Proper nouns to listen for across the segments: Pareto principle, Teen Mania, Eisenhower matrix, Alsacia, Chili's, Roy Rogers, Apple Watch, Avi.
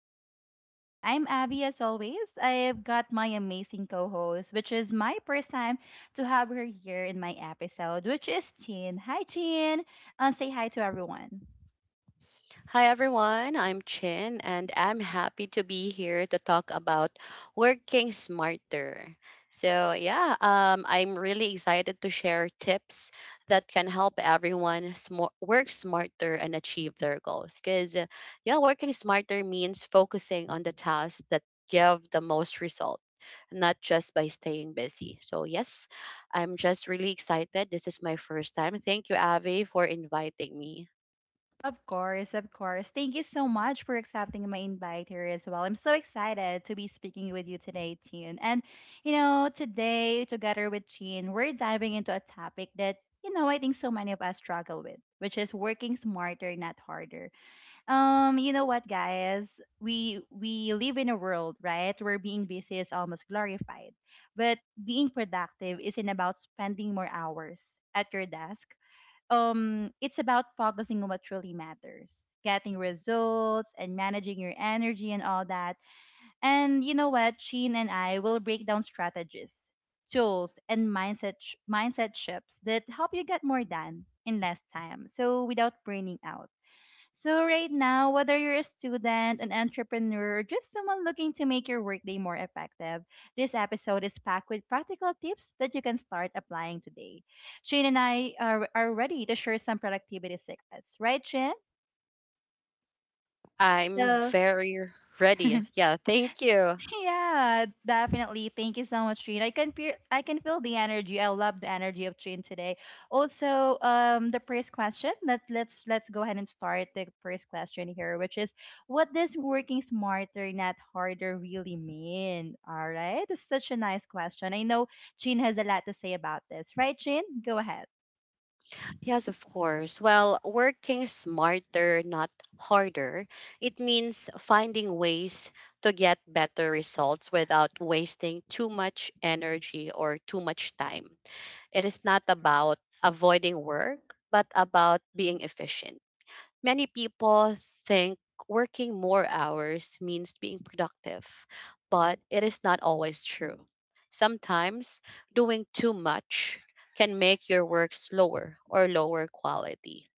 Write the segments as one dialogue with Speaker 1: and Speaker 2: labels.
Speaker 1: the podcast. I'm Abby, as always. I've got my amazing co host, which is my first time to have her here in my episode, which is Chin. Hi, Chin. Say hi to everyone.
Speaker 2: Hi everyone, I'm Chin and I'm happy to be here to talk about working smarter. I'm really excited to share tips that can help everyone work smarter and achieve their goals. Because, yeah, working smarter means focusing on the tasks that give the most result, not just by staying busy. So, yes, I'm just really excited. This is my first time. Thank you, Avi, for inviting me.
Speaker 1: Of course, of course. Thank you so much for accepting my invite here as well. I'm so excited to be speaking with you today, Chin. And, today, together with Chin, we're diving into a topic that, I think so many of us struggle with, which is working smarter, not harder. You know what, guys? We live in a world, right, where being busy is almost glorified. But being productive isn't about spending more hours at your desk. It's about focusing on what truly matters, getting results and managing your energy and all that. And you know what, Sheen and I will break down strategies, tools, and mindset shifts that help you get more done in less time, so without burning out. So, right now, whether you're a student, an entrepreneur, or just someone looking to make your workday more effective, this episode is packed with practical tips that you can start applying today. Shin and I are ready to share some productivity secrets, right, Shin?
Speaker 2: I'm
Speaker 1: So,
Speaker 2: very ready. Yeah, thank you.
Speaker 1: Yeah, definitely. Thank you so much, Trin. I can feel the energy. I love the energy of Trin today. Also, the first question. Let's go ahead and start the first question here, which is, what does working smarter, not harder, really mean? All right, it's such a nice question. I know Chin has a lot to say about this, right? Chin, go ahead.
Speaker 2: Yes, of course. Well, working smarter, not harder, it means finding ways to get better results without wasting too much energy or too much time. It is not about avoiding work, but about being efficient. Many people think working more hours means being productive, but it is not always true. Sometimes doing too much can make your work slower or lower quality.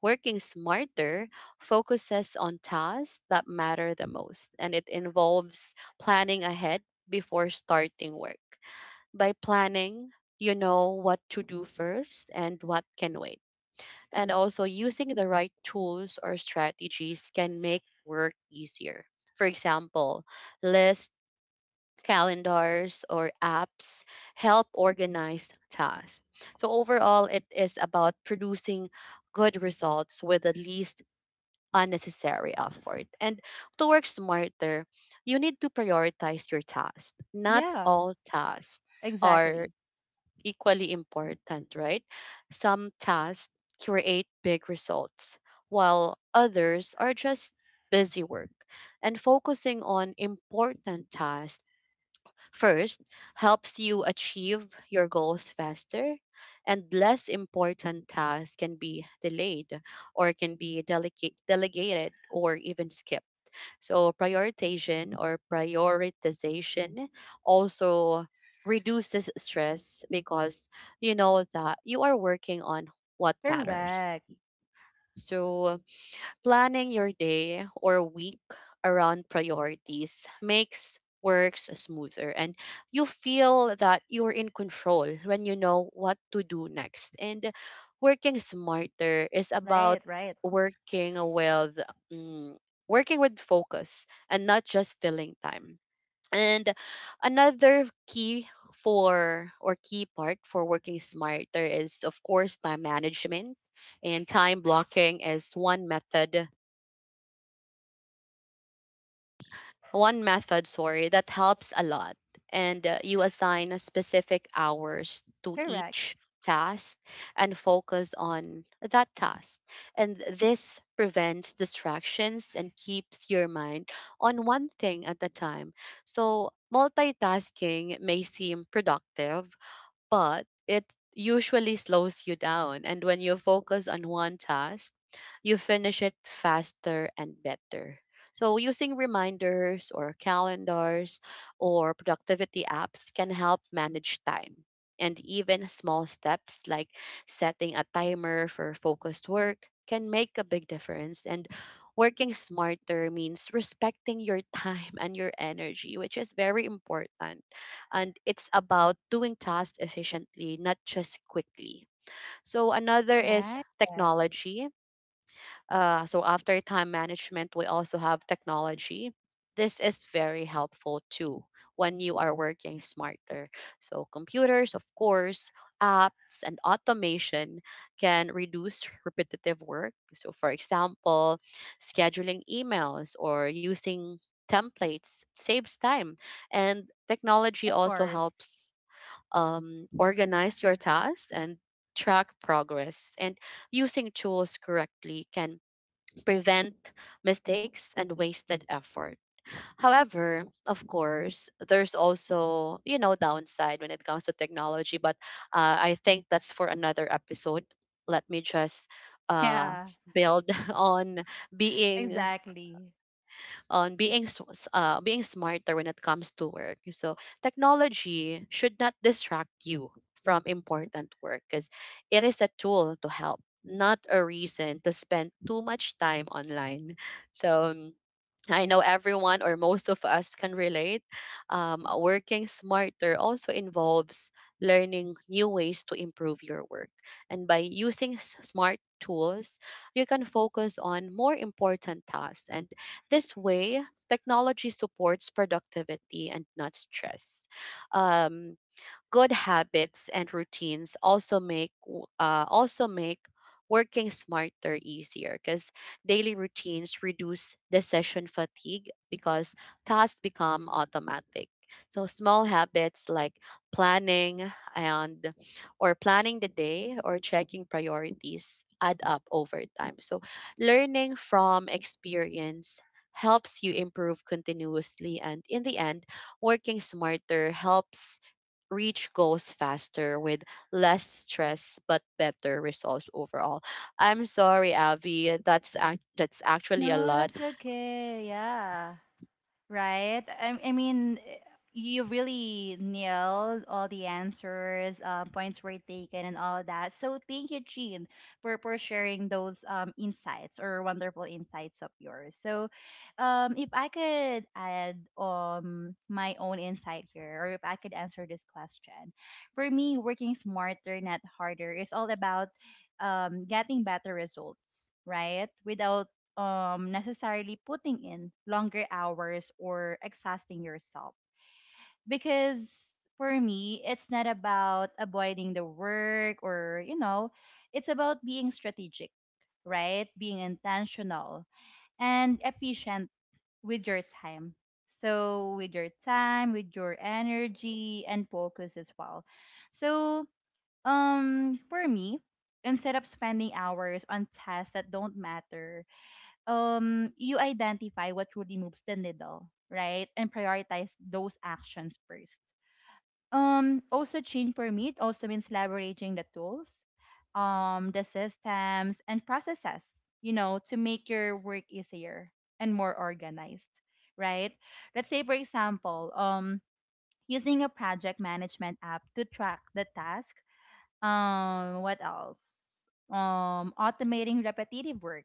Speaker 2: Working smarter focuses on tasks that matter the most, and it involves planning ahead before starting work. By planning, you know what to do first and what can wait. And also, using the right tools or strategies can make work easier. For example, lists, calendars, or apps help organize tasks. So, overall, it is about producing good results with the least unnecessary effort. And to work smarter, you need to prioritize your tasks. Not
Speaker 1: Yeah,
Speaker 2: all tasks are
Speaker 1: exactly.
Speaker 2: equally important, right? Some tasks create big results, while others are just busy work. And focusing on important tasks first helps you achieve your goals faster, and less important tasks can be delayed or can be delegated or even skipped. So prioritization also reduces stress because you know that you are working on what matters.
Speaker 1: Correct.
Speaker 2: So planning your day or week around priorities makes works smoother and you feel that you're in control when you know what to do next. And working smarter is
Speaker 1: Right.
Speaker 2: about
Speaker 1: Right.
Speaker 2: working with mm, working with focus and not just filling time. And another key part for working smarter is of course time management and time blocking is one method, sorry, that helps a lot. And you assign a specific hours to
Speaker 1: Correct.
Speaker 2: each task and focus on that task. And this prevents distractions and keeps your mind on one thing at a time. So, multitasking may seem productive, but it usually slows you down. And when you focus on one task, you finish it faster and better. So, using reminders or calendars or productivity apps can help manage time. And even small steps like setting a timer for focused work can make a big difference. And working smarter means respecting your time and your energy, which is very important and it's about doing tasks efficiently, not just quickly. So another is
Speaker 1: Right.
Speaker 2: technology. So after time management, we also have technology. This is very helpful too when you are working smarter. So computers, of course, apps and automation can reduce repetitive work. So for example, scheduling emails or using templates saves time and technology
Speaker 1: Of
Speaker 2: also
Speaker 1: course.
Speaker 2: helps organize your tasks and track progress. And using tools correctly can prevent mistakes and wasted effort. However, of course, there's also, you know, downside when it comes to technology, but I think that's for another episode. Let me just uh,
Speaker 1: Yeah.
Speaker 2: build on being
Speaker 1: Exactly.
Speaker 2: being being smarter when it comes to work. So technology should not distract you from important work because it is a tool to help, not a reason to spend too much time online. So I know everyone or most of us can relate. Working smarter also involves learning new ways to improve your work. And by using smart tools, you can focus on more important tasks and this way, technology supports productivity and not stress. Um, Good habits and routines also also make working smarter easier because daily routines reduce decision fatigue because tasks become automatic. So small habits like planning and planning the day or checking priorities add up over time. So learning from experience helps you improve continuously and in the end working smarter helps reach goals faster with less stress but better results overall. I'm sorry, Avi. That's actually a
Speaker 1: No,
Speaker 2: lot.
Speaker 1: that's okay. Yeah. Right? I mean, you really nailed all the answers, points were taken, and all that. So thank you, Jean, for sharing those insights or wonderful insights of yours. So, if I could add my own insight here, or if I could answer this question, for me, working smarter, not harder, is all about getting better results, right? Without necessarily putting in longer hours or exhausting yourself, because for me it's not about avoiding the work, or it's about being strategic, right? Being intentional and efficient with your time, so with your time, with your energy and focus as well. So for me, instead of spending hours on tasks that don't matter, you identify what truly moves the needle, right? And prioritize those actions first. Also change for me, it also means leveraging the tools, the systems and processes, to make your work easier and more organized, right? Let's say for example, using a project management app to track the task. What else? Automating repetitive work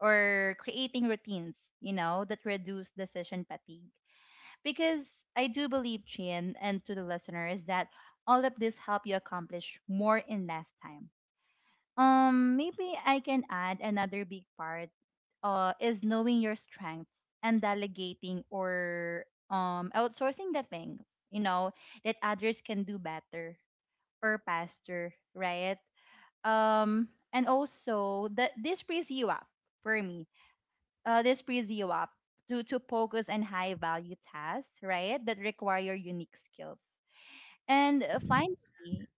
Speaker 1: or creating routines, that reduce decision fatigue. Because I do believe, Chin, and to the listeners, that all of this help you accomplish more in less time. Maybe I can add another big part, is knowing your strengths and delegating or outsourcing the things, you know, that others can do better or faster, right? Um, and also that for me this frees you up to, focus on high value tasks, right? That require your unique skills. And finally,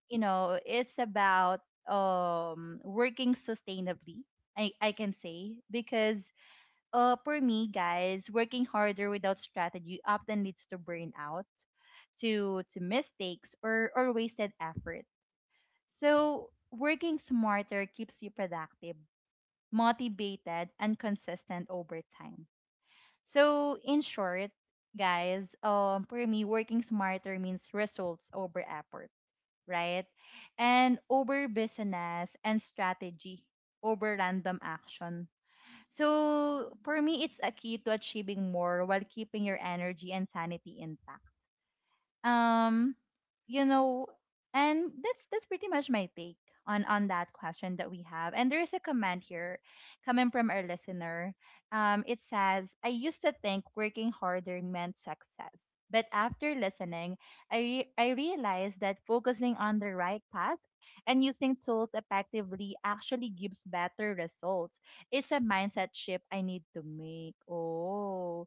Speaker 1: it's about working sustainably. I can say because for me guys, working harder without strategy often leads to burnout, to mistakes or wasted effort. So working smarter keeps you productive, motivated and consistent over time. So, in short, guys, for me, working smarter means results over effort, right? And over business and strategy, over random action. So, for me, it's a key to achieving more while keeping your energy and sanity intact. um you know and that's pretty much my take on that question that we have. And there's a comment here coming from our listener. It says, I used to think working harder meant success, but after listening, I realized that focusing on the right task and using tools effectively actually gives better results. It's a mindset shift I need to make. Oh,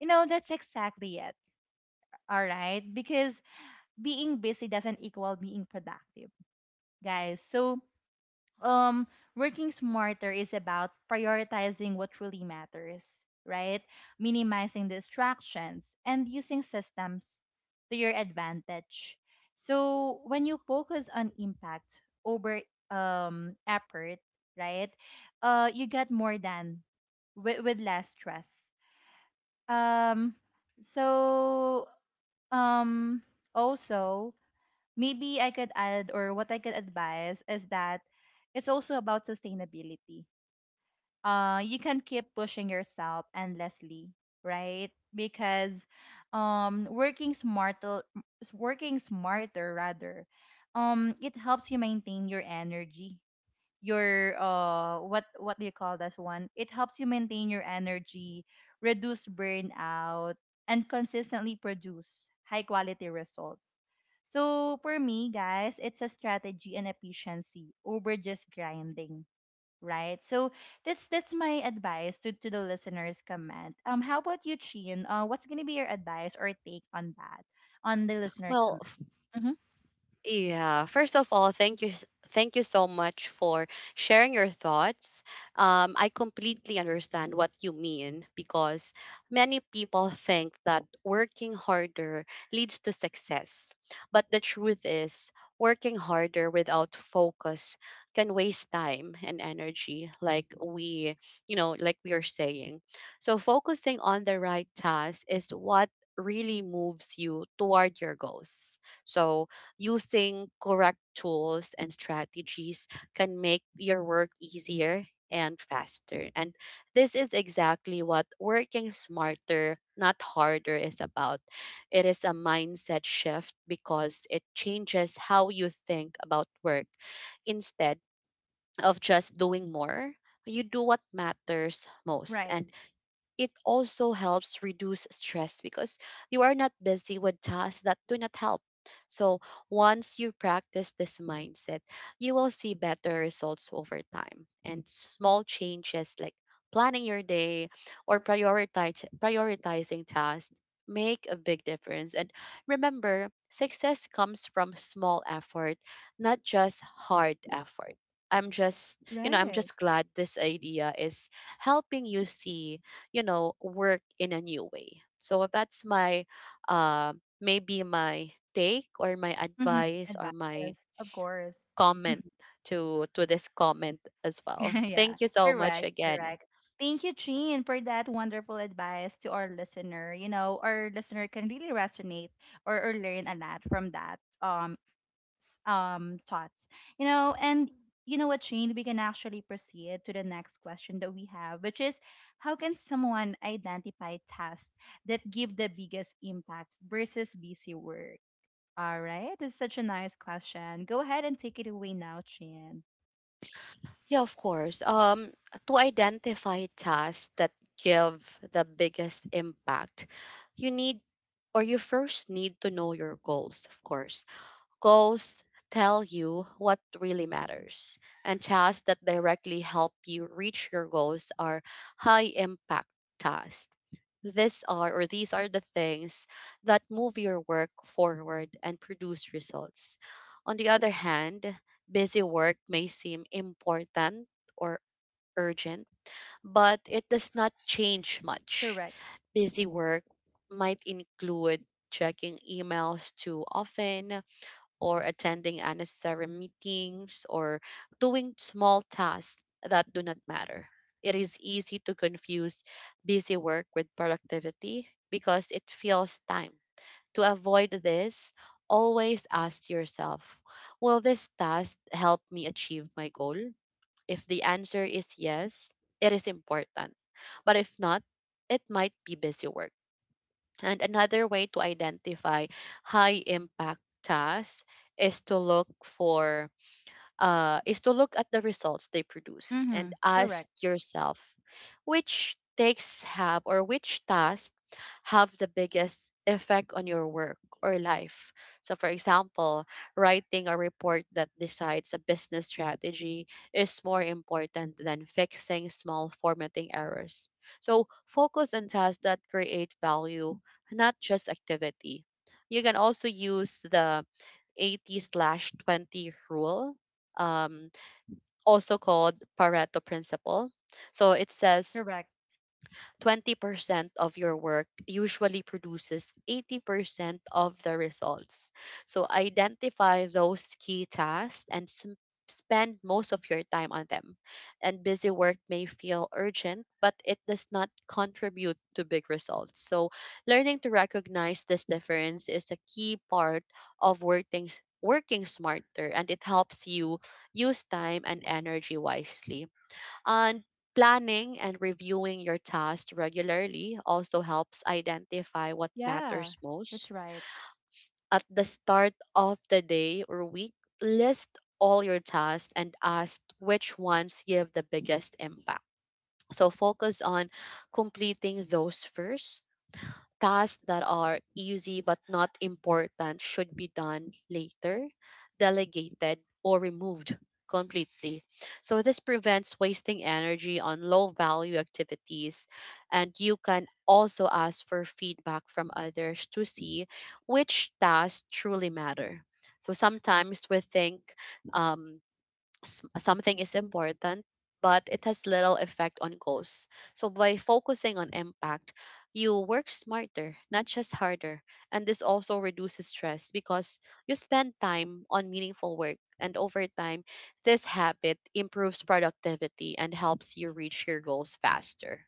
Speaker 1: that's exactly it. All right, because being busy doesn't equal being productive, guys. So, um, working smarter is about prioritizing what truly matters, right? Minimizing distractions and using systems to your advantage. So, when you focus on impact over effort, right? You get more done with, less stress. Um, so um also, maybe I could add or what I could advise is that it's also about sustainability. You can keep pushing yourself endlessly, right? Because working smarter, working smarter rather, it helps you maintain your energy, your what, do you call this one, it helps you maintain your energy, reduce burnout and consistently produce high quality results. So for me guys, it's a strategy and efficiency over just grinding, right? So that's my advice to, the listeners comment. How about you, Chin? What's gonna be your advice or take on that, on the listener
Speaker 2: Well,
Speaker 1: comment? Mm-hmm.
Speaker 2: Yeah. First of all, thank you so much for sharing your thoughts. I completely understand what you mean because many people think that working harder leads to success, but the truth is, working harder without focus can waste time and energy, like we are saying. So focusing on the right task is what really moves you toward your goals. So using correct tools and strategies can make your work easier and faster. And this is exactly what working smarter, not harder, is about. It is a mindset shift because it changes how you think about work instead of just doing more, you do what matters most.
Speaker 1: Right.
Speaker 2: And it also helps reduce stress because you are not busy with tasks that do not help. So, once you practice this mindset, you will see better results over time. And small changes like planning your day or prioritizing tasks make a big difference. And remember, success comes from small effort, not just hard effort. I'm
Speaker 1: Right.
Speaker 2: just glad this idea is helping you see work in a new way. So that's my uh, maybe my take or my
Speaker 1: Mm-hmm.
Speaker 2: advice or my
Speaker 1: Advice, of course.
Speaker 2: comment to this comment as well.
Speaker 1: Yeah,
Speaker 2: Thank you so much
Speaker 1: correct,
Speaker 2: again.
Speaker 1: correct. Thank you, Jean, for that wonderful advice to our listener. You know, our listener can really resonate or learn a lot from that um thoughts. You know, and you know what, Jean, we can actually proceed to the next question that we have, which is how can someone identify tasks that give the biggest impact versus busy work? All right, this is such a nice question. Go ahead and take it away now, Jean.
Speaker 2: Yeah, of course. To identify tasks that give the biggest impact you need or you first need to know your goals, of course. Goals tell you what really matters, and tasks that directly help you reach your goals are high impact tasks. These are the things that move your work forward and produce results. On the other hand, busy work may seem important or urgent, but it does not change much.
Speaker 1: Correct.
Speaker 2: Busy work might include checking emails too often, or attending unnecessary meetings or doing small tasks that do not matter. It is easy to confuse busy work with productivity because it feels time. To avoid this, always ask yourself, will this task help me achieve my goal? If the answer is yes, it is important. But if not, it might be busy work. And another way to identify high impact tasks is to look for is to look at the results they produce and
Speaker 1: Mm-hmm.
Speaker 2: ask
Speaker 1: Correct.
Speaker 2: yourself which tasks have the biggest effect on your work or life. So, for example, writing a report that decides a business strategy is more important than fixing small formatting errors. So, focus on tasks that create value, not just activity. You can also use the 80/20 rule, um, also called Pareto principle. So it says
Speaker 1: Correct.
Speaker 2: 20% of your work usually produces 80% of the results. So identify those key tasks and spend most of your time on them. And busy work may feel urgent, but it does not contribute to big results. So learning to recognize this difference is a key part of working smarter and it helps you use time and energy wisely. And planning and reviewing your tasks regularly also helps identify what
Speaker 1: Yeah,
Speaker 2: matters most.
Speaker 1: that's right.
Speaker 2: At the start of the day or week, list all your tasks and ask which ones give the biggest impact. So focus on completing those first. Tasks that are easy but not important should be done later, delegated, or removed completely. So, this prevents wasting energy on low value activities. And you can also ask for feedback from others to see which tasks truly matter. So, sometimes we think, um, something is important, but it has little effect on goals. So by focusing on impact, you work smarter, not just harder. And this also reduces stress because you spend time on meaningful work. And over time, this habit improves productivity and helps you reach your goals faster.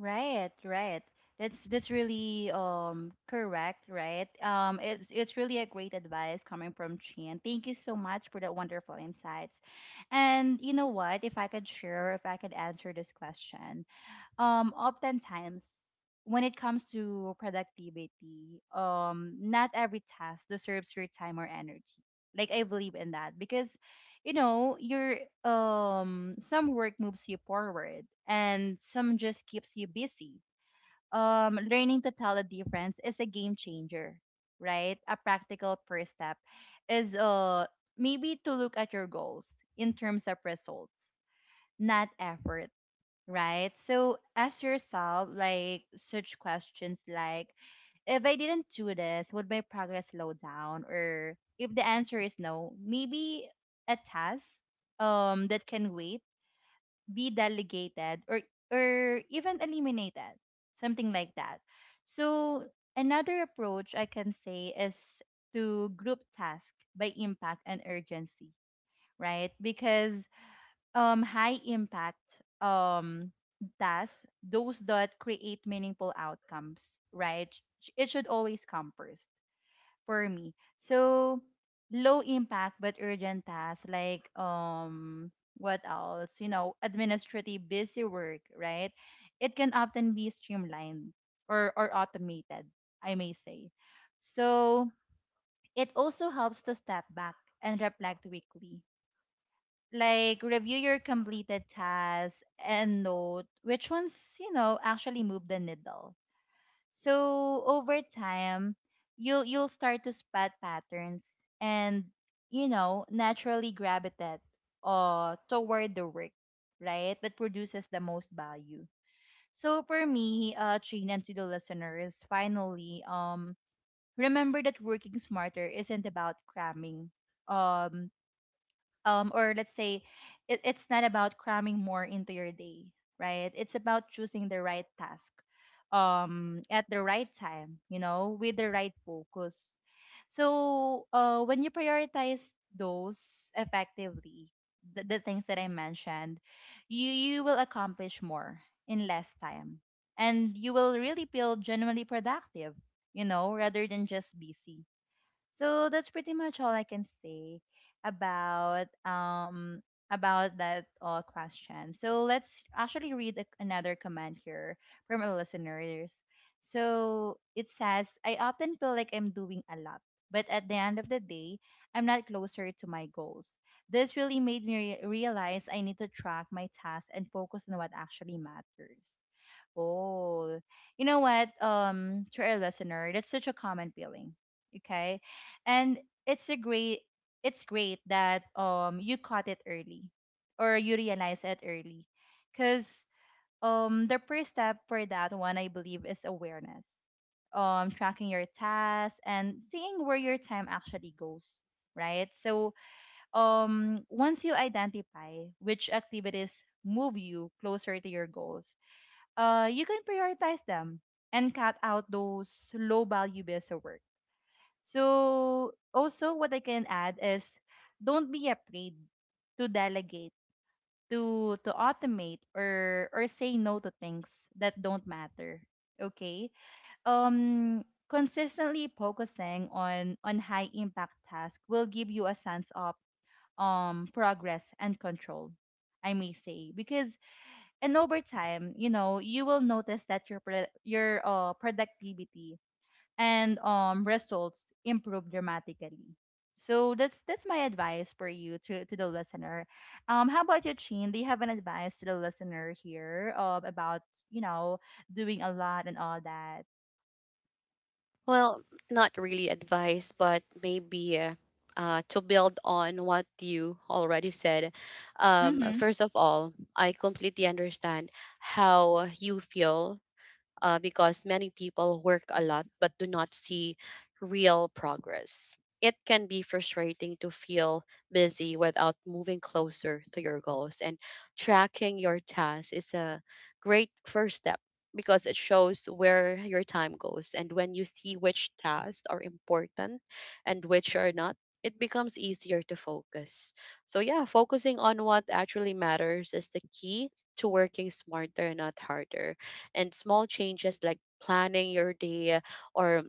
Speaker 1: Right, right. That's really correct, right? It's really a great advice coming from Chin. Thank you so much for that wonderful insights. And you know what, if I could share, if I could answer this question, oftentimes when it comes to productivity, not every task deserves your time or energy, like I believe in that, because you know your some work moves you forward and some just keeps you busy. Learning to tell the difference is a game changer, right? A practical first step is maybe to look at your goals in terms of results, not effort, right? So ask yourself like such questions like, if I didn't do this, would my progress slow down? Or if the answer is no, maybe a task that can wait, be delegated or even eliminated. Something like that. So another approach I can say is to group task by impact and urgency, right? Because high impact tasks, those that create meaningful outcomes, right? It should always come first for me. So low impact but urgent tasks like, what else, administrative busy work, right? It can often be streamlined or automated, I may say. So it also helps to step back and reflect weekly, like review your completed tasks and note which ones actually move the needle. So over time, you'll start to spot patterns and naturally gravitate toward the work, right, that produces the most value. So for me, Trina, and to the listeners finally, remember that working smarter isn't about cramming, um or let's say, it's not about cramming more into your day, right? It's about choosing the right task, at the right time, with the right focus. So when you prioritize those effectively, the things that I mentioned, you will accomplish more in less time, and you will really feel genuinely productive, rather than just busy. So that's pretty much all I can say about, about that, question. So let's actually read another comment here from our listeners. So it says, I often feel like I'm doing a lot, but at the end of the day, I'm not closer to my goals. This really made me realize I need to track my tasks and focus on what actually matters. Oh, you know what? To our listener, that's such a common feeling. Okay, and it's a great, it's great that you caught it early, or you realize it early, because the first step for that one, I believe, is awareness. Tracking your tasks and seeing where your time actually goes. Right. So once you identify which activities move you closer to your goals, you can prioritize them and cut out those low value bills at work. So, also, what I can add is, don't be afraid to delegate, to automate, or say no to things that don't matter. Okay. Um, consistently focusing on high impact tasks will give you a sense of progress and control. I may say because and over time, you know, you will notice that your productivity and results improve dramatically, so that's my advice for you, to the listener. Um, how about you, Chin? Do you have an advice to the listener here about you know doing a lot and all that?
Speaker 2: Well, not really advice, but maybe to build on what you already said.
Speaker 1: Mm-hmm.
Speaker 2: First of all, I completely understand how you feel because many people work a lot but do not see real progress. It can be frustrating to feel busy without moving closer to your goals, and tracking your tasks is a great first step because it shows where your time goes. And when you see which tasks are important and which are not, it becomes easier to focus. So, yeah, focusing on what actually matters is the key to working smarter, not harder and small changes like planning your day or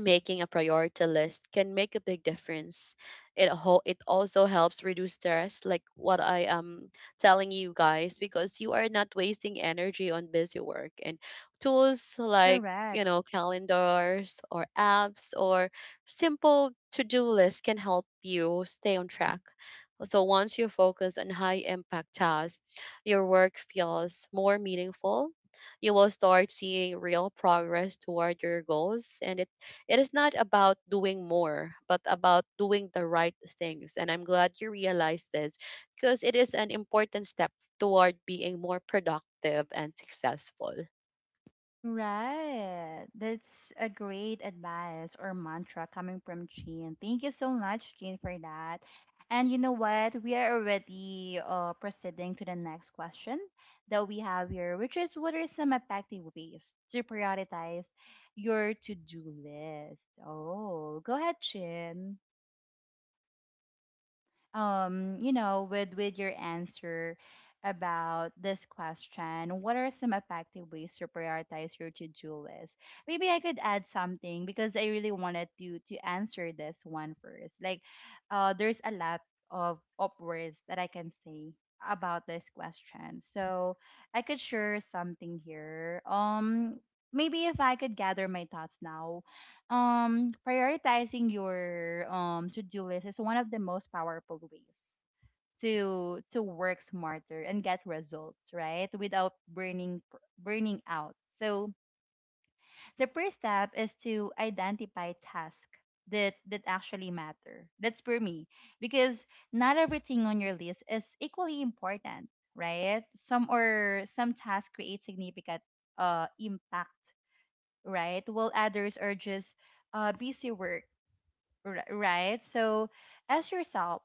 Speaker 2: making a priority list can make a big difference. It also helps reduce stress, like what I am telling you guys, because you are not wasting energy on busy work and tools like,
Speaker 1: Correct.
Speaker 2: you know, calendars or apps or simple to-do lists can help you stay on track. So once you focus on high impact tasks, your work feels more meaningful, you will start seeing real progress toward your goals, and it is not about doing more, but about doing the right things. And I'm glad you realized this, because it is an important step toward being more productive and successful.
Speaker 1: Right. That's a great advice or mantra coming from Jean. Thank you so much, Jean, for that. And you know what? We are already proceeding to the next question that we have here, which is what are some effective ways to prioritize your to do list? Oh, go ahead, Jean, you know, with your answer about this question. What are some effective ways to prioritize your to-do list? Maybe I could add something because I really wanted to answer this one first. Like, there's a lot of words that I can say about this question. So I could share something here. Maybe if I could gather my thoughts now. Um, prioritizing your to-do list is one of the most powerful ways to work smarter and get results, right, without burning out. So the first step is to identify tasks that actually matter, that's for me, because not everything on your list is equally important, right? Some tasks create significant impact, right, while others are just busy work. Right? So ask yourself,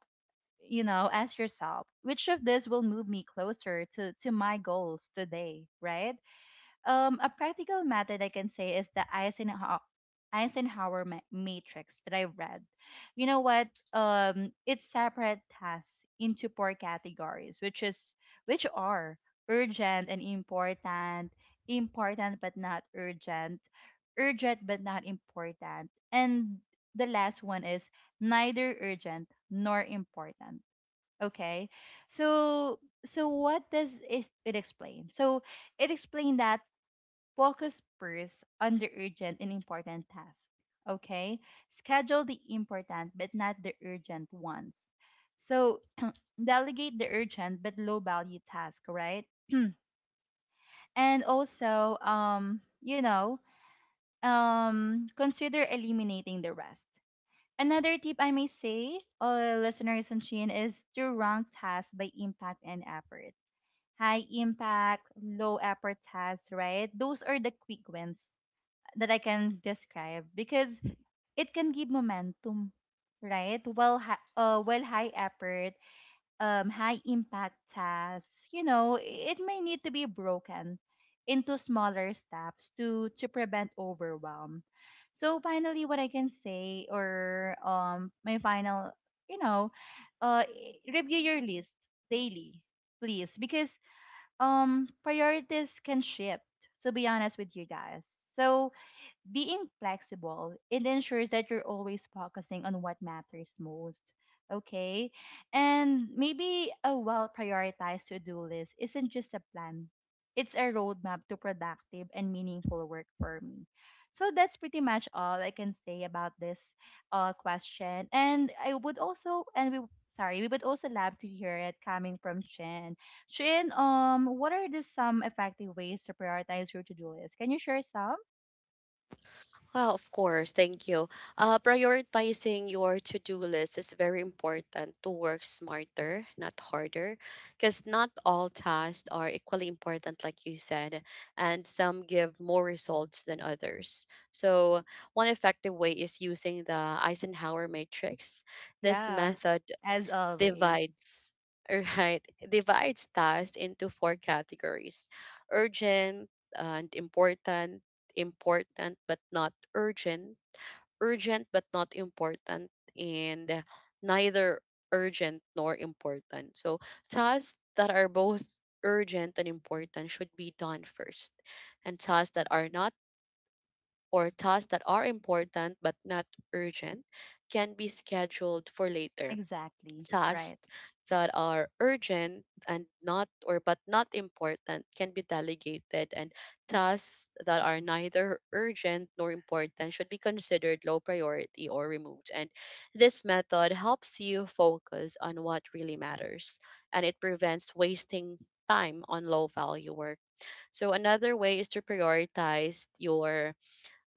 Speaker 1: you know, ask yourself, which of this will move me closer to my goals today, right? A practical method I can say is the Eisenhower matrix that I read. You know what? It separate tasks into four categories, which is which are urgent and important, important but not urgent, urgent but not important, and the last one is neither urgent nor important. Okay, so what does is it explain? So it explained that focus first on the urgent and important task. Okay? Schedule the important but not the urgent ones. So delegate the urgent but low value task, right? And also, you know, consider eliminating the rest. Another tip I may say, listeners and Chin, is to rank tasks by impact and effort. High impact, low effort tasks, right? Those are the quick wins that I can describe because it can give momentum, right? While high effort, high impact tasks, you know, it may need to be broken into smaller steps to prevent overwhelm. So finally, what I can say, or my final, you know, review your list daily, please, because priorities can shift. To be honest with you guys, so being flexible, it ensures that you're always focusing on what matters most. Okay. And maybe a well prioritized to do list isn't just a plan, it's a roadmap to productive and meaningful work for me. So that's pretty much all I can say about this question. And I would also, and we, sorry, we would also love to hear it coming from Chen. Chen, what are the some effective ways to prioritize your to-do list? Can you share some?
Speaker 2: Well, of course, thank you. Prioritizing your to-do list is very important to work smarter, not harder, because not all tasks are equally important, like you said, and some give more results than others. So, one effective way is using the Eisenhower matrix. This
Speaker 1: Yeah,
Speaker 2: method
Speaker 1: as always.
Speaker 2: divides, right, divides tasks into four categories: urgent and important, important but not urgent, urgent but not important, and neither urgent nor important. So tasks that are both urgent and important should be done first, and tasks that are not, or tasks that are important but not urgent, can be scheduled for later.
Speaker 1: Exactly. Right.
Speaker 2: Tasks that are urgent and not, or but not important, can be delegated, and tasks that are neither urgent nor important should be considered low priority or removed. And this method helps you focus on what really matters, and it prevents wasting time on low value work. So another way is to prioritize your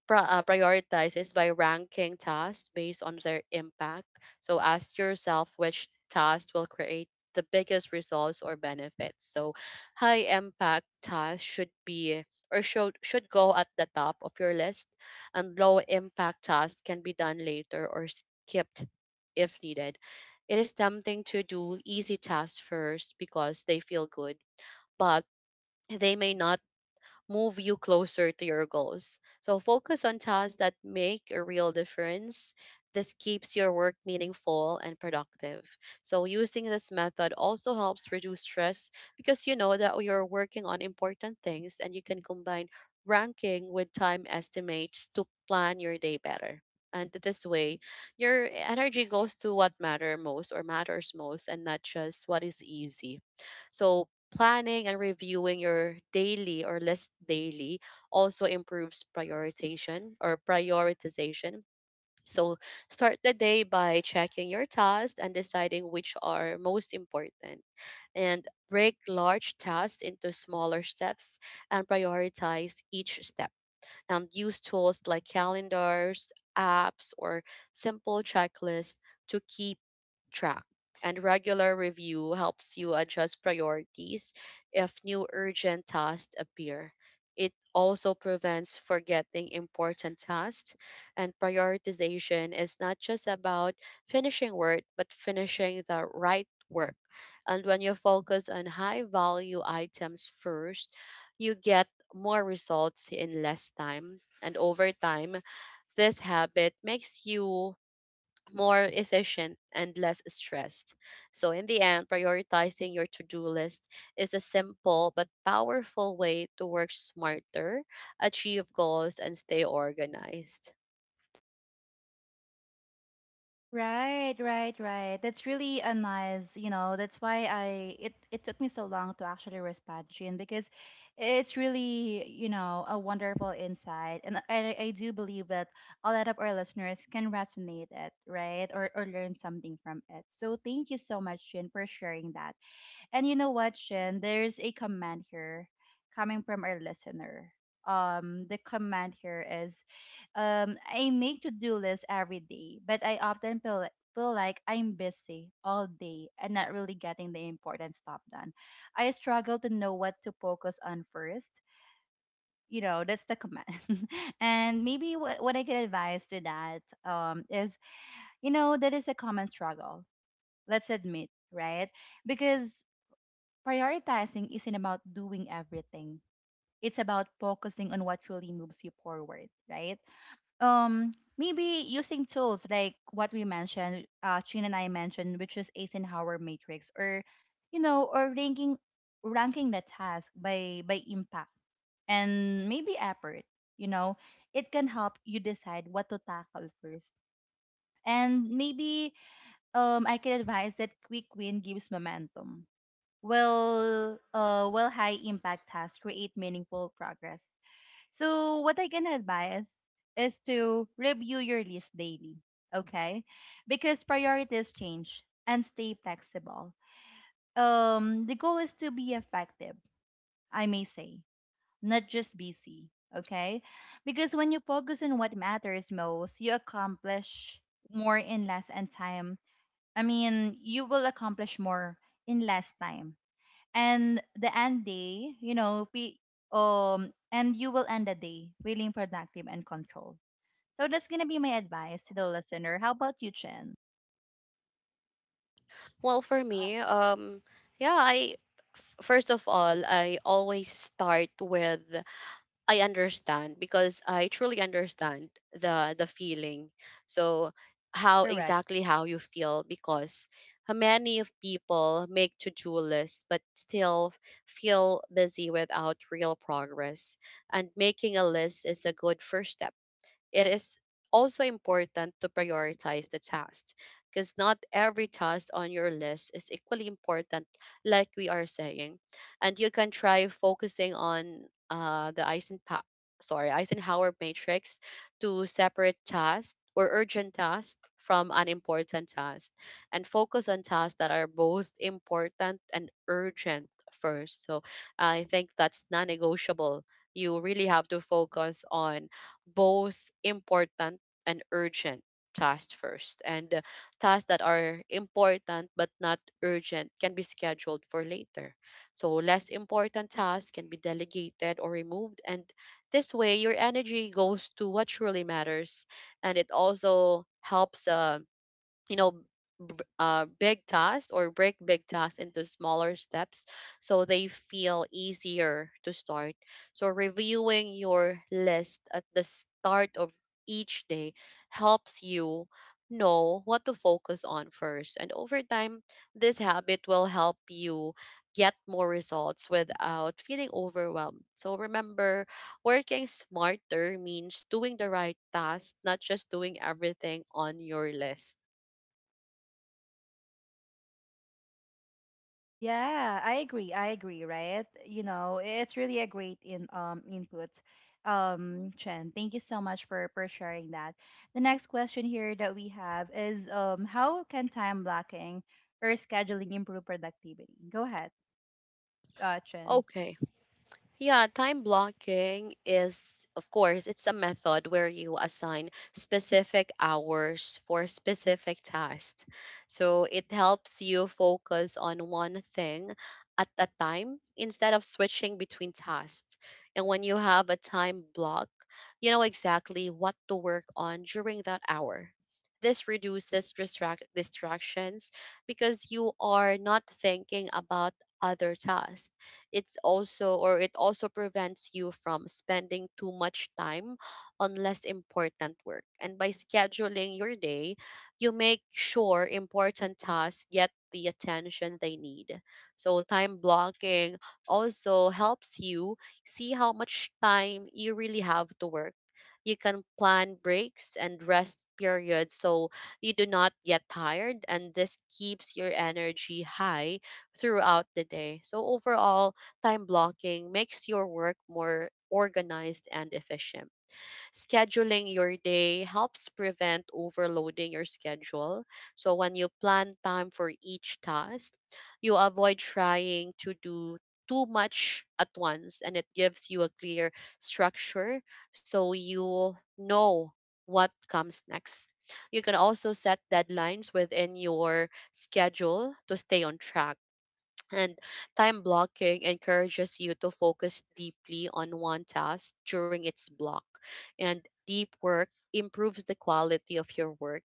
Speaker 2: prioritizes by ranking tasks based on their impact. So ask yourself which task will create the biggest results or benefits. So high impact tasks should be, or should go at the top of your list, and low impact tasks can be done later or skipped if needed. It is tempting to do easy tasks first because they feel good, but they may not move you closer to your goals. So focus on tasks that make a real difference. This keeps your work meaningful and productive. So using this method also helps reduce stress, because you know that you're working on important things, and you can combine ranking with time estimates to plan your day better. And this way, your energy goes to what matter most, or matters most, and not just what is easy. So, planning and reviewing your daily, or list daily, also improves prioritization, or prioritization. So, start the day by checking your tasks and deciding which are most important. And break large tasks into smaller steps and prioritize each step. Use tools like calendars, apps, or simple checklists to keep track. And regular review helps you adjust priorities if new urgent tasks appear. It also prevents forgetting important tasks, and prioritization is not just about finishing work, but finishing the right work. And when you focus on high value items first, you get more results in less time. And over time, this habit makes you more efficient and less stressed. So, in the end, prioritizing your to do list is a simple but powerful way to work smarter, achieve goals, and stay organized.
Speaker 1: Right, right, right. That's really a nice, you know, that's why I it took me so long to actually respond, Jean, because it's really, you know, a wonderful insight. And I do believe that a lot of our listeners can resonate it, right? Or learn something from it. So thank you so much, Jean, for sharing that. And you know what, Shin? There's a command here coming from our listener. The command here is, I make to-do lists every day, but I often feel like I'm busy all day and not really getting the important stuff done. I struggle to know what to focus on first. You know, that's the command. And maybe what I could advise to that is, you know, that is a common struggle. Let's admit, right? Because prioritizing isn't about doing everything. It's about focusing on what truly moves you forward, right? Maybe using tools like what we mentioned, Chin and I mentioned, which is Eisenhower matrix, or you know, or ranking the task by impact and maybe effort. You know, it can help you decide what to tackle first. And maybe I can advise that quick win gives momentum, will high impact tasks create meaningful progress. So what I can advise is to review your list daily, okay, because priorities change and stay flexible. Um, the goal is to be effective, I may say, not just busy. Okay, because when you focus on what matters most, you accomplish more in less and time I mean you will accomplish more in less time. And the end day, you know, we and you will end the day feeling productive and controlled. So that's gonna be my advice to the listener. How about you, Chen?
Speaker 2: Well, for
Speaker 1: Uh,
Speaker 2: me, yeah, first of all, I always start with, I understand, because I truly understand the feeling. So how
Speaker 1: correct.
Speaker 2: exactly how you feel, because many of people make to-do lists but still feel busy without real progress, and making a list is a good first step. It is also important to prioritize the tasks, because not every task on your list is equally important, like we are saying. And you can try focusing on the Eisenhower matrix to separate tasks, or urgent tasks from unimportant tasks, and focus on tasks that are both important and urgent first. So I think that's non negotiable. You really have to focus on both important and urgent tasks first. And tasks that are important but not urgent can be scheduled for later. So less important tasks can be delegated or removed. And this way, your energy goes to what truly matters. And it also helps. You know Big tasks, or break big tasks into smaller steps so they feel easier to start. So reviewing your list at the start of each day helps you know what to focus on first, and over time this habit will help you get more results without feeling overwhelmed. So remember, working smarter means doing the right task, not just doing everything on your list.
Speaker 1: Yeah, I agree. I agree. Right? You know, it's really a great in input. Chen, thank you so much for sharing that. The next question here that we have is how can time blocking or scheduling improve productivity? Go ahead, Chen.
Speaker 2: Okay. Yeah, time blocking is, of course, it's a method where you assign specific hours for specific tasks. So it helps you focus on one thing at a time instead of switching between tasks. And when you have a time block, you know exactly what to work on during that hour. This reduces distractions, because you are not thinking about other tasks. It's also, or it also prevents you from spending too much time on less important work. And by scheduling your day, you make sure important tasks get the attention they need. So time blocking also helps you see how much time you really have to work. You can plan breaks and rest periods so you do not get tired, and this keeps your energy high throughout the day. So overall, time blocking makes your work more organized and efficient. Scheduling your day helps prevent overloading your schedule. So when you plan time for each task, you avoid trying to do too much at once, and it gives you a clear structure so you know what comes next. You can also set deadlines within your schedule to stay on track, and time blocking encourages you to focus deeply on one task during its block. And deep work improves the quality of your work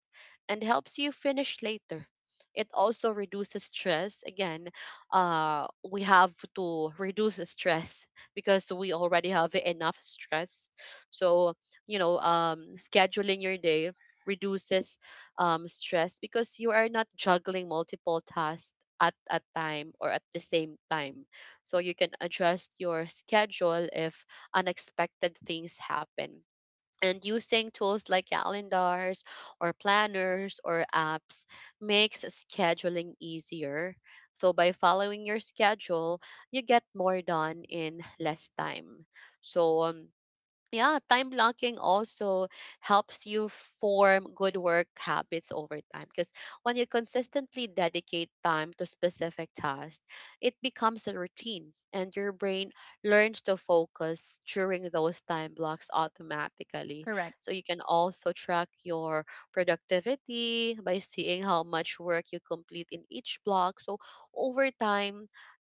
Speaker 2: and helps you finish later. It also reduces stress. Again, we have to reduce the stress because we already have enough stress. So, you know, scheduling your day reduces stress, because you are not juggling multiple tasks at a time, or at the same time. So you can adjust your schedule if unexpected things happen. And using tools like calendars or planners or apps makes scheduling easier. So by following your schedule, you get more done in less time. So yeah, time blocking also helps you form good work habits over time, because when you consistently dedicate time to specific tasks, it becomes a routine, and your brain learns to focus during those time blocks automatically.
Speaker 1: Correct.
Speaker 2: So you can also track your productivity by seeing how much work you complete in each block. So over time,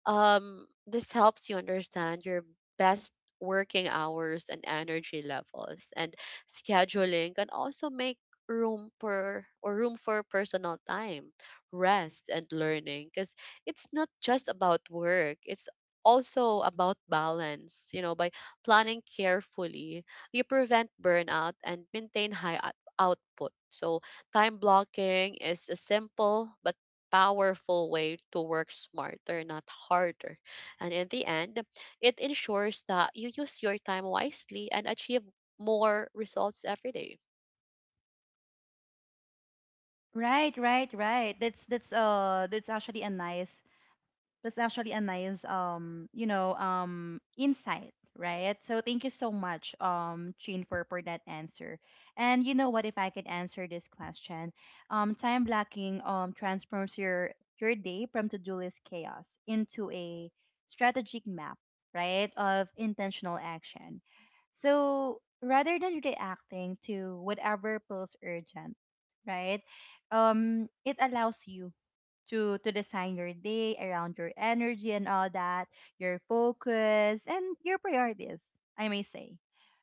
Speaker 2: this helps you understand your best working hours and energy levels, and scheduling can also make room for, or room for personal time, rest, and learning, because it's not just about work, it's also about balance. You know, by planning carefully, you prevent burnout and maintain output. So, time blocking is a simple but powerful way to work smarter, not harder. And in the end, it ensures that you use your time wisely and achieve more results every day.
Speaker 1: Right, right, right. That's actually a nice, you know, insight, right? So thank you so much, Chin, for that answer. And you know what, if I could answer this question, time blocking transforms your day from to-do list chaos into a strategic map, right, of intentional action. So rather than reacting to whatever feels urgent, right? It allows you to design your day around your energy and all that, your focus and your priorities, I may say.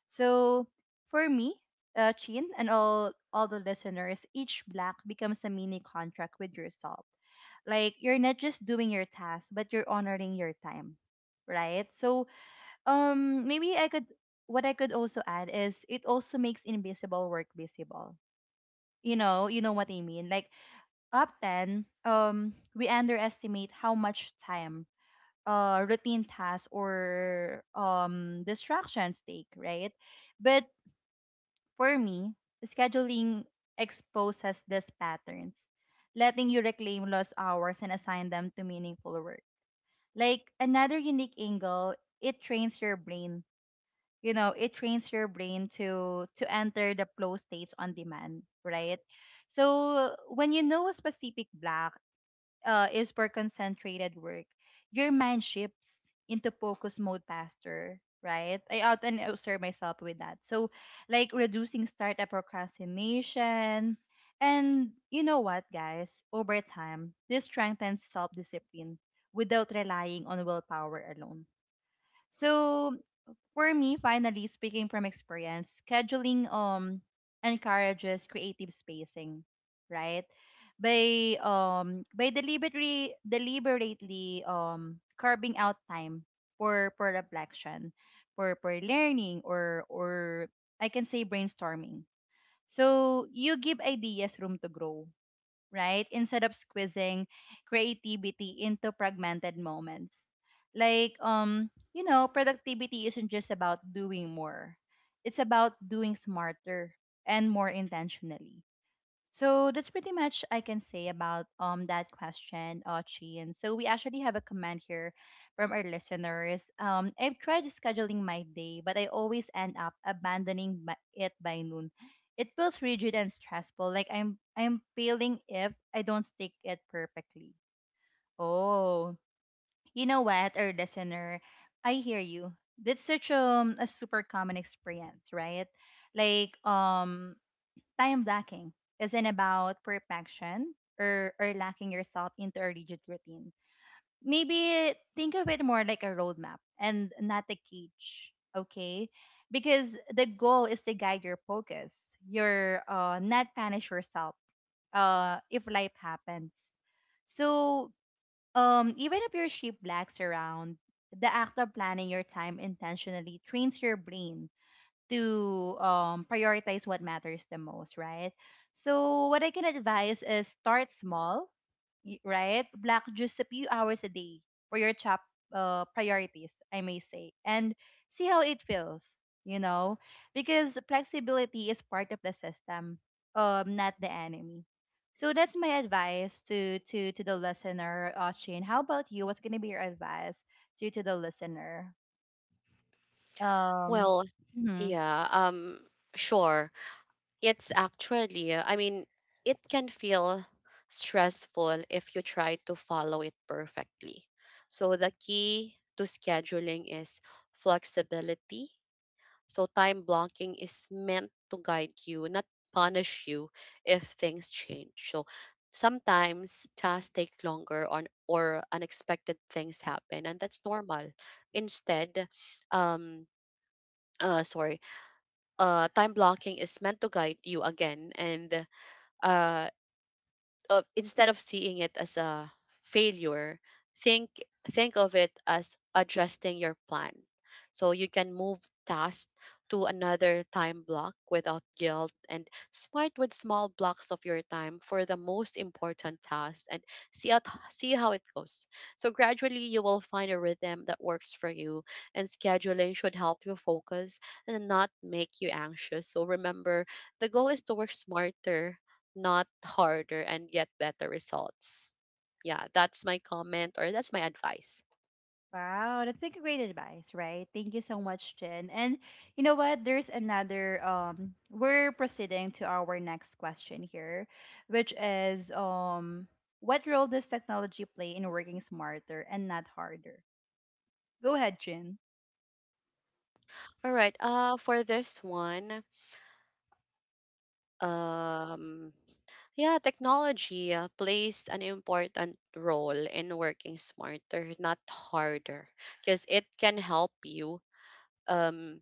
Speaker 1: So for me, Chin and all the listeners, each block becomes a mini contract with yourself. Like you're not just doing your task, but you're honoring your time, right? So maybe I could also add is it also makes invisible work visible. You know what I mean. Like often we underestimate how much time routine tasks or distractions take, right? But for me, scheduling exposes these patterns, letting you reclaim lost hours and assign them to meaningful work. Like another unique angle, it trains your brain. You know, it trains your brain to enter the flow states on demand, right? So when you know a specific block is for concentrated work, your mind shifts into focus mode faster, right? I often observe myself with that. So, like reducing startup procrastination. And you know what, guys? Over time, this strengthens self discipline without relying on willpower alone. So, for me, finally, speaking from experience, scheduling encourages creative spacing, right? By deliberately carving out time for reflection, for learning or I can say brainstorming. So you give ideas room to grow, right? Instead of squeezing creativity into fragmented moments. Like you know, productivity isn't just about doing more. It's about doing smarter and more intentionally. So that's pretty much I can say about that question, Chi. So we actually have a comment here from our listeners. I've tried scheduling my day, but I always end up abandoning it by noon. It feels rigid and stressful. Like I'm failing if I don't stick it perfectly. Oh, you know what, our listener, I hear you. That's such a super common experience, right? Like time blocking isn't about perfection or locking yourself into a rigid routine. Maybe think of it more like a roadmap and not a cage, okay? Because the goal is to guide your focus. You're not punish yourself if life happens. So even if your ship blacks around, the act of planning your time intentionally trains your brain to prioritize what matters the most, right? So, what I can advise is start small, right? Block just a few hours a day for your chap priorities, I may say, and see how it feels, you know, because flexibility is part of the system, not the enemy. So that's my advice to the listener, Shane. How about you? What's gonna be your advice to the listener? Um.
Speaker 2: Well,
Speaker 1: Mm-hmm.
Speaker 2: yeah, sure. It's actually, I mean, it can feel stressful if you try to follow it perfectly. So the key to scheduling is flexibility. So time blocking is meant to guide you, not punish you if things change. So sometimes tasks take longer on, or unexpected things happen, and that's normal. Instead, um uh sorry, time blocking is meant to guide you again, and uh instead of seeing it as a failure, think think of it as adjusting your plan. So you can move tasks to another time block without guilt, and smart with small blocks of your time for the most important tasks, and see how, see how it goes. So gradually you will find a rhythm that works for you, and scheduling should help you focus and not make you anxious. So remember, the goal is to work smarter, not harder, and get better results. Yeah, that's my comment, or that's my advice.
Speaker 1: Wow, that's like a great advice, right? Thank you so much, Jen. And you know what? There's another we're proceeding to our next question here, which is what role does technology play in working smarter and not harder? Go ahead, Jen.
Speaker 2: All right. For this one, um, yeah, technology plays an important role in working smarter, not harder, because it can help you um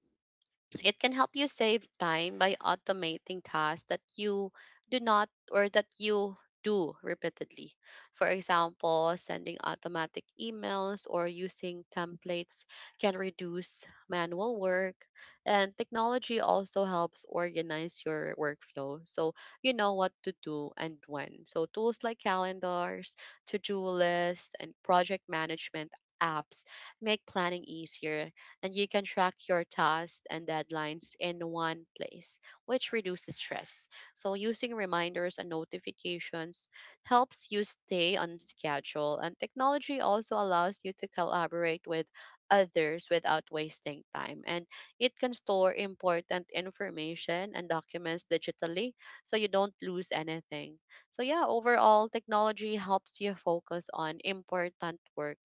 Speaker 2: Save time by automating tasks that you do not, or that you do repeatedly. For example, sending automatic emails or using templates can reduce manual work. And technology also helps organize your workflow so you know what to do and when. So, tools like calendars, to do lists, and project management apps make planning easier, and you can track your tasks and deadlines in one place, which reduces stress. So, using reminders and notifications helps you stay on schedule, and technology also allows you to collaborate with others without wasting time. And it can store important information and documents digitally so you don't lose anything. So, yeah, overall, technology helps you focus on important work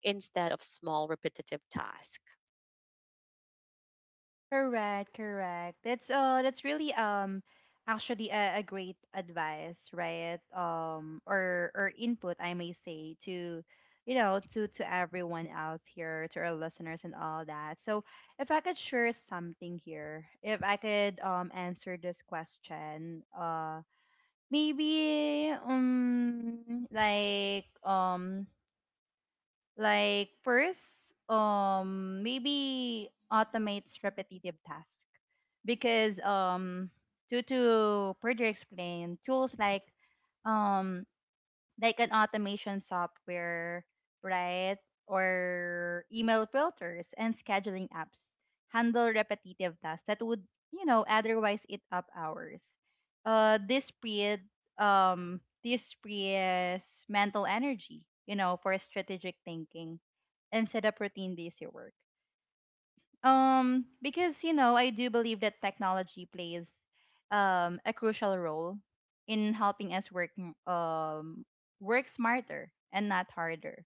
Speaker 2: instead of small repetitive tasks.
Speaker 1: Correct, correct. That's really actually a great advice, right? Or input I may say to to everyone else here, to our listeners and all that. So if I could share something here, if I could answer this question, maybe like first, maybe automates repetitive tasks because due to further explain, tools um like an automation software, right? Or email filters and scheduling apps handle repetitive tasks that would, otherwise eat up hours. This period, this previous mental energy, you know, for strategic thinking instead of routine busy work. Because you know, I do believe that technology plays a crucial role in helping us work work smarter and not harder.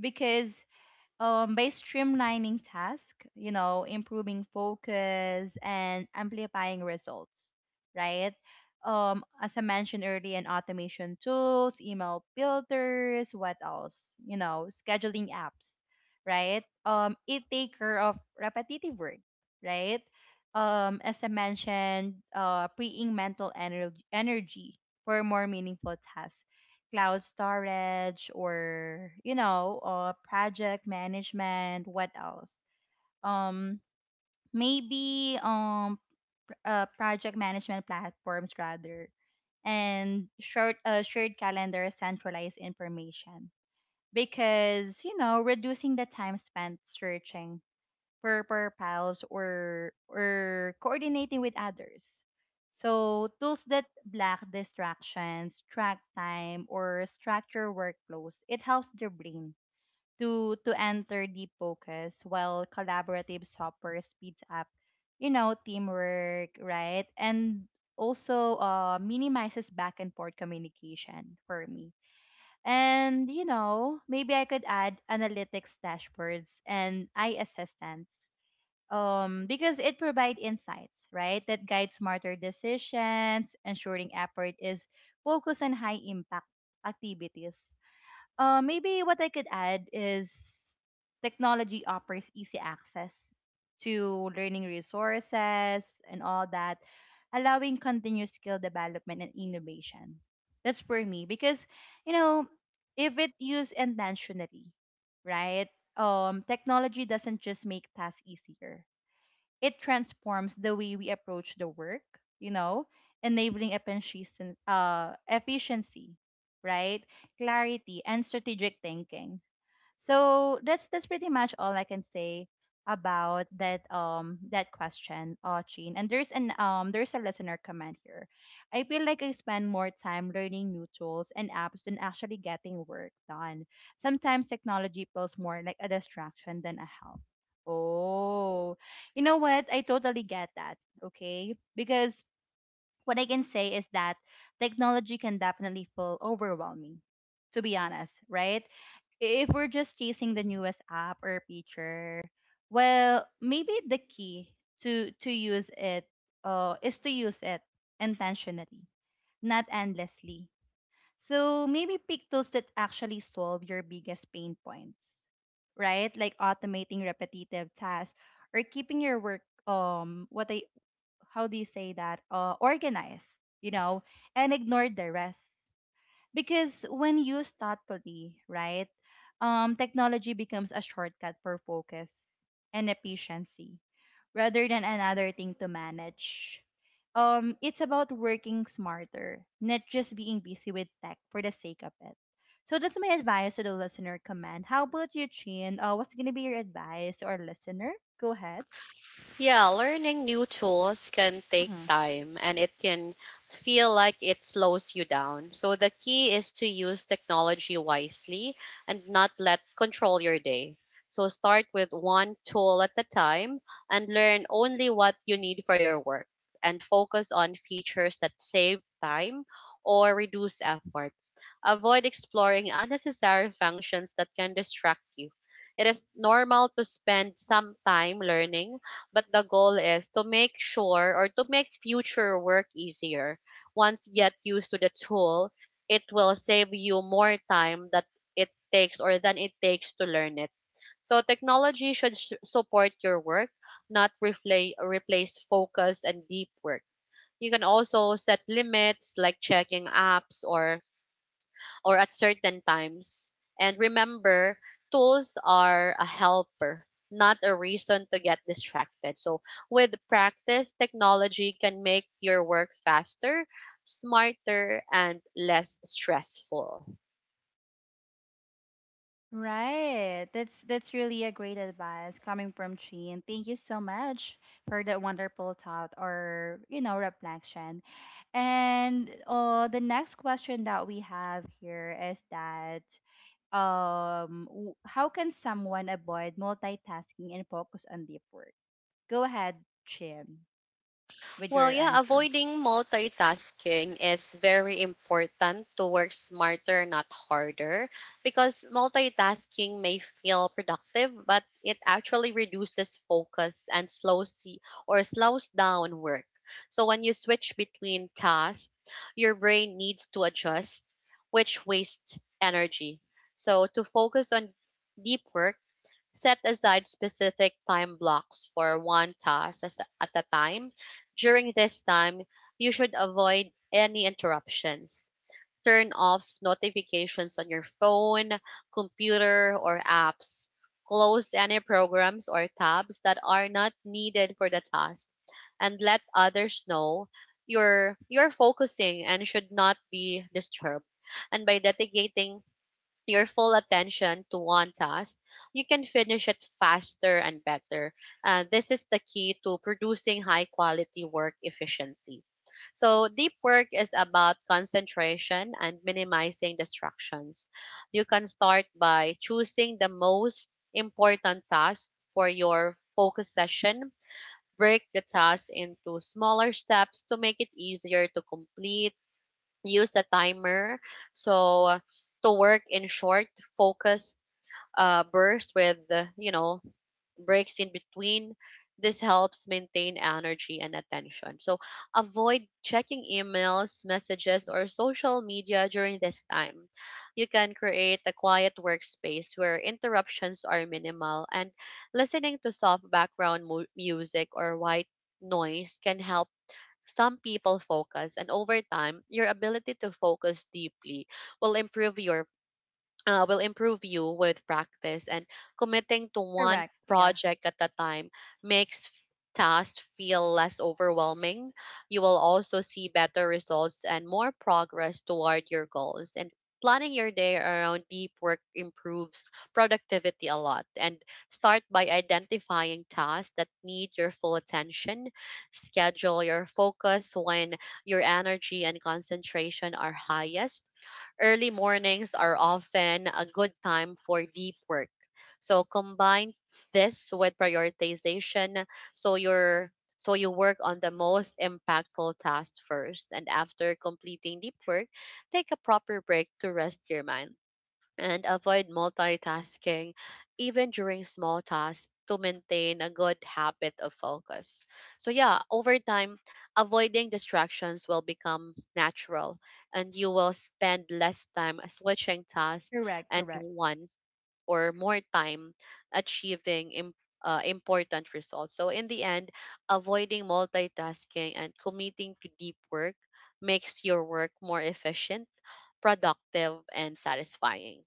Speaker 1: Because by streamlining tasks, you know, improving focus and amplifying results, right? As I mentioned earlier, and automation tools, email filters, what else? You know, scheduling apps, right? It take care of repetitive work, right? As I mentioned, freeing mental energy for more meaningful tasks, cloud storage or you know project management, what else, um maybe um project management platforms rather, and short shared calendar, centralized information, because you know reducing the time spent searching per pals or coordinating with others. So tools that block distractions, track time, or structure workflows. It helps the brain to enter deep focus while collaborative software speeds up, you know, teamwork, right? And also minimizes back and forth communication for me. And you know, maybe I could add analytics dashboards and eye assistants, because it provides insights, right, that guide smarter decisions, ensuring effort is focused on high impact activities. Maybe what I could add is technology offers easy access to learning resources and all that, allowing continuous skill development and innovation. That's for me because, you know, if it used intentionally, right? Technology doesn't just make tasks easier, it transforms the way we approach the work, you know, enabling efficiency, efficiency, right? Clarity and strategic thinking. So that's pretty much all I can say about that that question, Chin. And there's an there's a listener comment here. I feel like I spend more time learning new tools and apps than actually getting work done. Sometimes technology feels more like a distraction than a help. Oh, you know what? I totally get that. Okay, because what I can say is that technology can definitely feel overwhelming, to be honest, right? If we're just chasing the newest app or feature, well, maybe the key to use it is to use it intentionally, not endlessly. So maybe pick tools that actually solve your biggest pain points, right? Like automating repetitive tasks or keeping your work what I how do you say that organized, you know, and ignored the rest, because when used thoughtfully, right, technology becomes a shortcut for focus and efficiency rather than another thing to manage. It's about working smarter, not just being busy with tech for the sake of it. So that's my advice to the listener comment. How about you, Chin? What's going to be your advice to our listener? Go ahead.
Speaker 2: Yeah, learning new tools can take time, and it can feel like it slows you down. So the key is to use technology wisely and not let control your day. So start with one tool at a time and learn only what you need for your work, and focus on features that save time or reduce effort. Avoid exploring unnecessary functions that can distract you. It is normal to spend some time learning, but the goal is to make sure or to make future work easier. Once you get used to the tool, it will save you more time that it takes or than it takes to learn it. So technology should support your work, not replace focus and deep work. You can also set limits like checking apps or at certain times. And remember, tools are a helper, not a reason to get distracted. So, with practice, technology can make your work faster, smarter, and less stressful.
Speaker 1: Right. That's really a great advice coming from Chi, and thank you so much for that wonderful thought or you know reflection. And the next question that we have here is that how can someone avoid multitasking and focus on deep work? Go ahead, Chin, with
Speaker 2: Well,
Speaker 1: your
Speaker 2: yeah,
Speaker 1: answer.
Speaker 2: avoiding multitasking is very important to work smarter, not harder, because multitasking may feel productive, but it actually reduces focus and slows or slows down work. So when you switch between tasks, your brain needs to adjust, which wastes energy. So to focus on deep work, set aside specific time blocks for one task at a time. During this time, you should avoid any interruptions. Turn off notifications on your phone, computer, or apps. Close any programs or tabs that are not needed for the task and let others know you're focusing and should not be disturbed. And by dedicating your full attention to one task, you can finish it faster and better. This is the key to producing high quality work efficiently. So, deep work is about concentration and minimizing distractions. You can start by choosing the most important task for your focus session. Break the task into smaller steps to make it easier to complete, use a timer so uh, to work in short focused bursts with breaks in between. This helps maintain energy and attention, so avoid checking emails, messages, or social media during this time. You can create a quiet workspace where interruptions are minimal, and listening to soft background music or white noise can help some people focus. And over time, your ability to focus deeply will improve your will improve you with practice, and committing to one
Speaker 1: Correct. Yeah.
Speaker 2: project at a time makes tasks feel less overwhelming. You will also see better results and more progress toward your goals, and planning your day around deep work improves productivity a lot. And start by identifying tasks that need your full attention. Schedule your focus when your energy and concentration are highest. Early mornings are often a good time for deep work. So combine this with prioritization so your, so you work on the most impactful tasks first, and after completing deep work, take a proper break to rest your mind and avoid multitasking even during small tasks to maintain a good habit of focus. So, yeah, over time, avoiding distractions will become natural, and you will spend less time switching tasks
Speaker 1: Correct.
Speaker 2: and
Speaker 1: Correct.
Speaker 2: one or more time achieving important results. So, in the end, avoiding multitasking and committing to deep work makes your work more efficient, productive, and satisfying.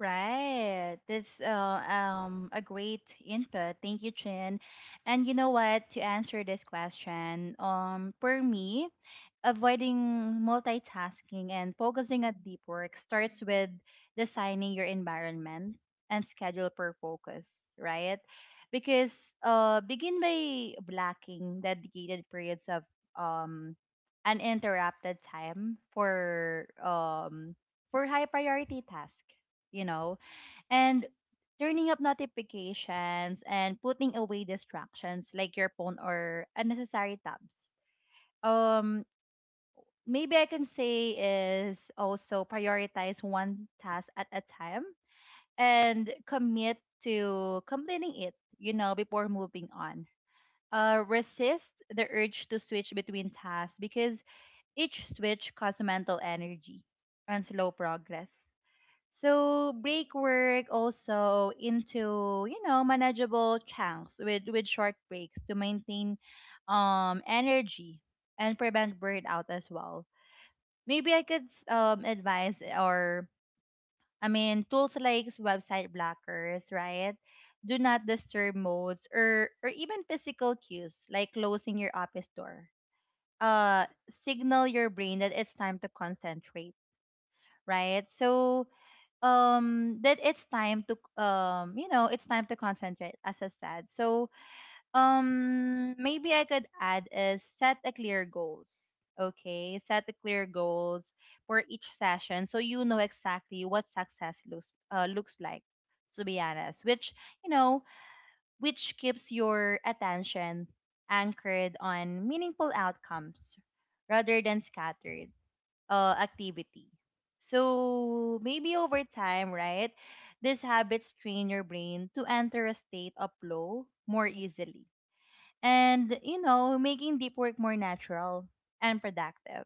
Speaker 1: Right. That's a great input. Thank you, Chin. And you know what? To answer this question, for me, avoiding multitasking and focusing on deep work starts with designing your environment and schedule per focus, right? Because begin by blocking dedicated periods of um, uninterrupted time for high priority task. You know, and turning up notifications and putting away distractions like your phone or unnecessary tabs. Um, Maybe I can say is also prioritize one task at a time and commit to completing it, you know, before moving on. Resist the urge to switch between tasks because each switch causes mental energy and slow progress. So break work also into you know manageable chunks with short breaks to maintain energy and prevent burnout as well. Maybe I could advise, or I mean tools like website blockers, right? Do not disturb modes or even physical cues like closing your office door. Signal your brain that it's time to concentrate, right? So that it's time to you know it's time to concentrate as I said. So maybe I could add is set a clear goals. Okay, set the clear goals for each session so you know exactly what success looks like, to be honest, which you know which keeps your attention anchored on meaningful outcomes rather than scattered activity. So maybe over time, right, these habits train your brain to enter a state of flow more easily. And, you know, making deep work more natural and productive.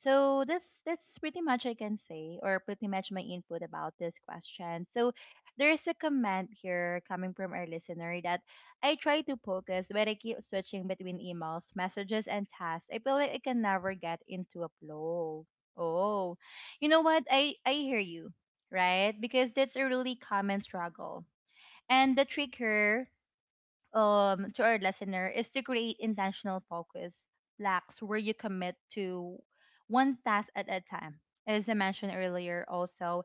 Speaker 1: So that's pretty much I can say, or pretty much my input about this question. So there is a comment here coming from our listener that, I try to focus, but I keep switching between emails, messages, and tasks. I feel like I can never get into a flow. Oh, you know what? I hear you, right? Because that's a really common struggle. And the trick here to our listener is to create intentional focus blocks where you commit to one task at a time, as I mentioned earlier also.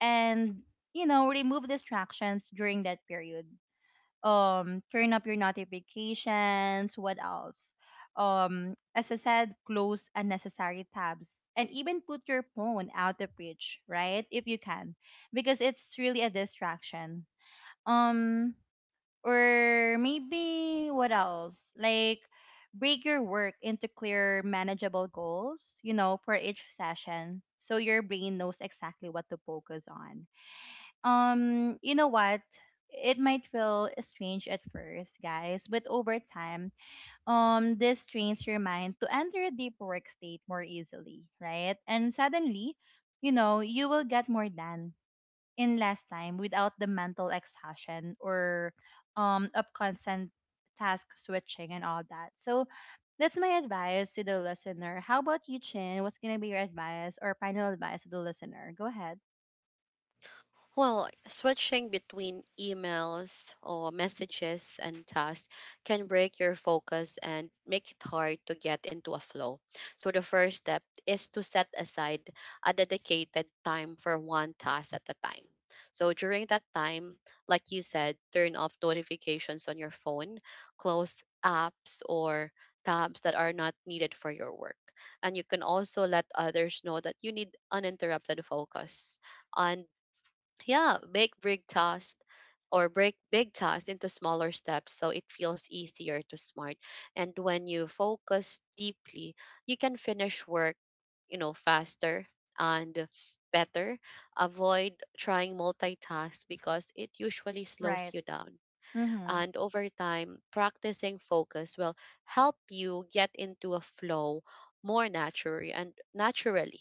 Speaker 1: And you know remove distractions during that period. Turn up your notifications, what else, as I said, close unnecessary tabs and even put your phone out of reach, right, if you can, because it's really a distraction. um or maybe what else? Like break your work into clear, manageable goals, you know, for each session so your brain knows exactly what to focus on. You know what? It might feel strange at first, guys, but over time, this trains your mind to enter a deep work state more easily, right? And suddenly, you know, you will get more done in last time without the mental exhaustion or of constant task switching and all that. So that's my advice to the listener. How about you, Chin? What's gonna be your advice or final advice to the listener? Go ahead.
Speaker 2: Well, switching between emails or messages and tasks can break your focus and make it hard to get into a flow. So, the first step is to set aside a dedicated time for one task at a time. So, during that time, like you said, turn off notifications on your phone, close apps or tabs that are not needed for your work. And you can also let others know that you need uninterrupted focus, and yeah, make big tasks or break big tasks into smaller steps so it feels easier to smart. And when you focus deeply, you can finish work, you know, faster and better. Avoid trying multitask because it usually slows
Speaker 1: Right.
Speaker 2: you down,
Speaker 1: Mm-hmm.
Speaker 2: and over time, practicing focus will help you get into a flow more naturally and naturally.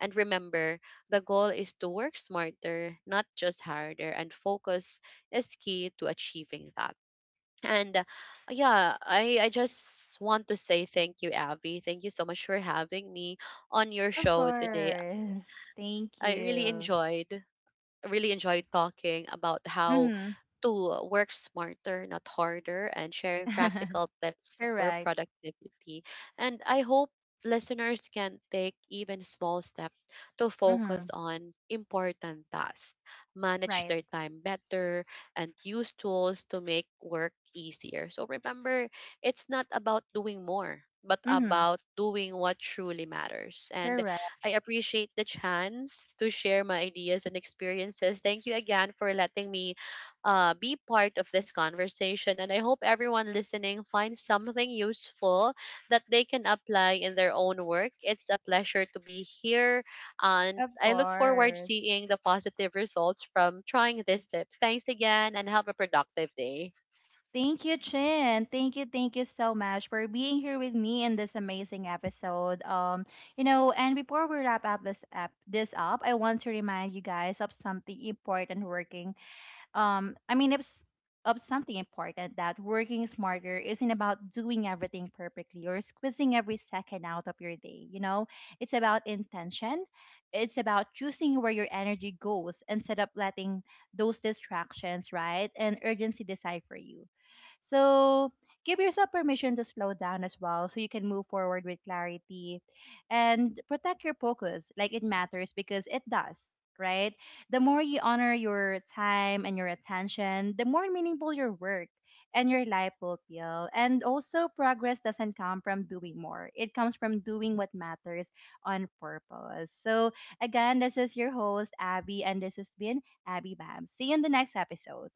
Speaker 2: And remember, the goal is to work smarter, not just harder, and focus is key to achieving that. And uh, yeah, I just want to say thank you, Avi. Thank you so much for having me on your
Speaker 1: Of
Speaker 2: show today.
Speaker 1: course. Thank
Speaker 2: I really
Speaker 1: you.
Speaker 2: enjoyed, really enjoyed talking about how
Speaker 1: Mm-hmm.
Speaker 2: to work smarter, not harder, and sharing practical tips for
Speaker 1: Correct.
Speaker 2: productivity. And I hope listeners can take even small steps to
Speaker 1: Mm-hmm.
Speaker 2: focus on important tasks, manage
Speaker 1: Right.
Speaker 2: their time better, and use tools to make work easier. So remember, it's not about doing more, but
Speaker 1: Mm-hmm.
Speaker 2: about doing what truly matters. And
Speaker 1: Correct.
Speaker 2: I appreciate the chance to share my ideas and experiences. Thank you again for letting me be part of this conversation. And I hope everyone listening finds something useful that they can apply in their own work. It's a pleasure to be here. And
Speaker 1: Of
Speaker 2: I look forward
Speaker 1: course.
Speaker 2: seeing the positive results from trying these tips. Thanks again and have a productive day.
Speaker 1: Thank you, Chin. Thank you so much for being here with me in this amazing episode. You know, and before we wrap up this up this up, I want to remind you guys of something important, working I mean, it's of something important that working smarter isn't about doing everything perfectly or squeezing every second out of your day. You know, it's about intention. It's about choosing where your energy goes instead of letting those distractions, right, and urgency decide for you. So give yourself permission to slow down as well so you can move forward with clarity and protect your focus like it matters because it does, right? The more you honor your time and your attention, the more meaningful your work and your life will feel. And also, progress doesn't come from doing more, it comes from doing what matters on purpose. So, again, this is your host, Abby, and this has been Abby Babs. See you in the next episode.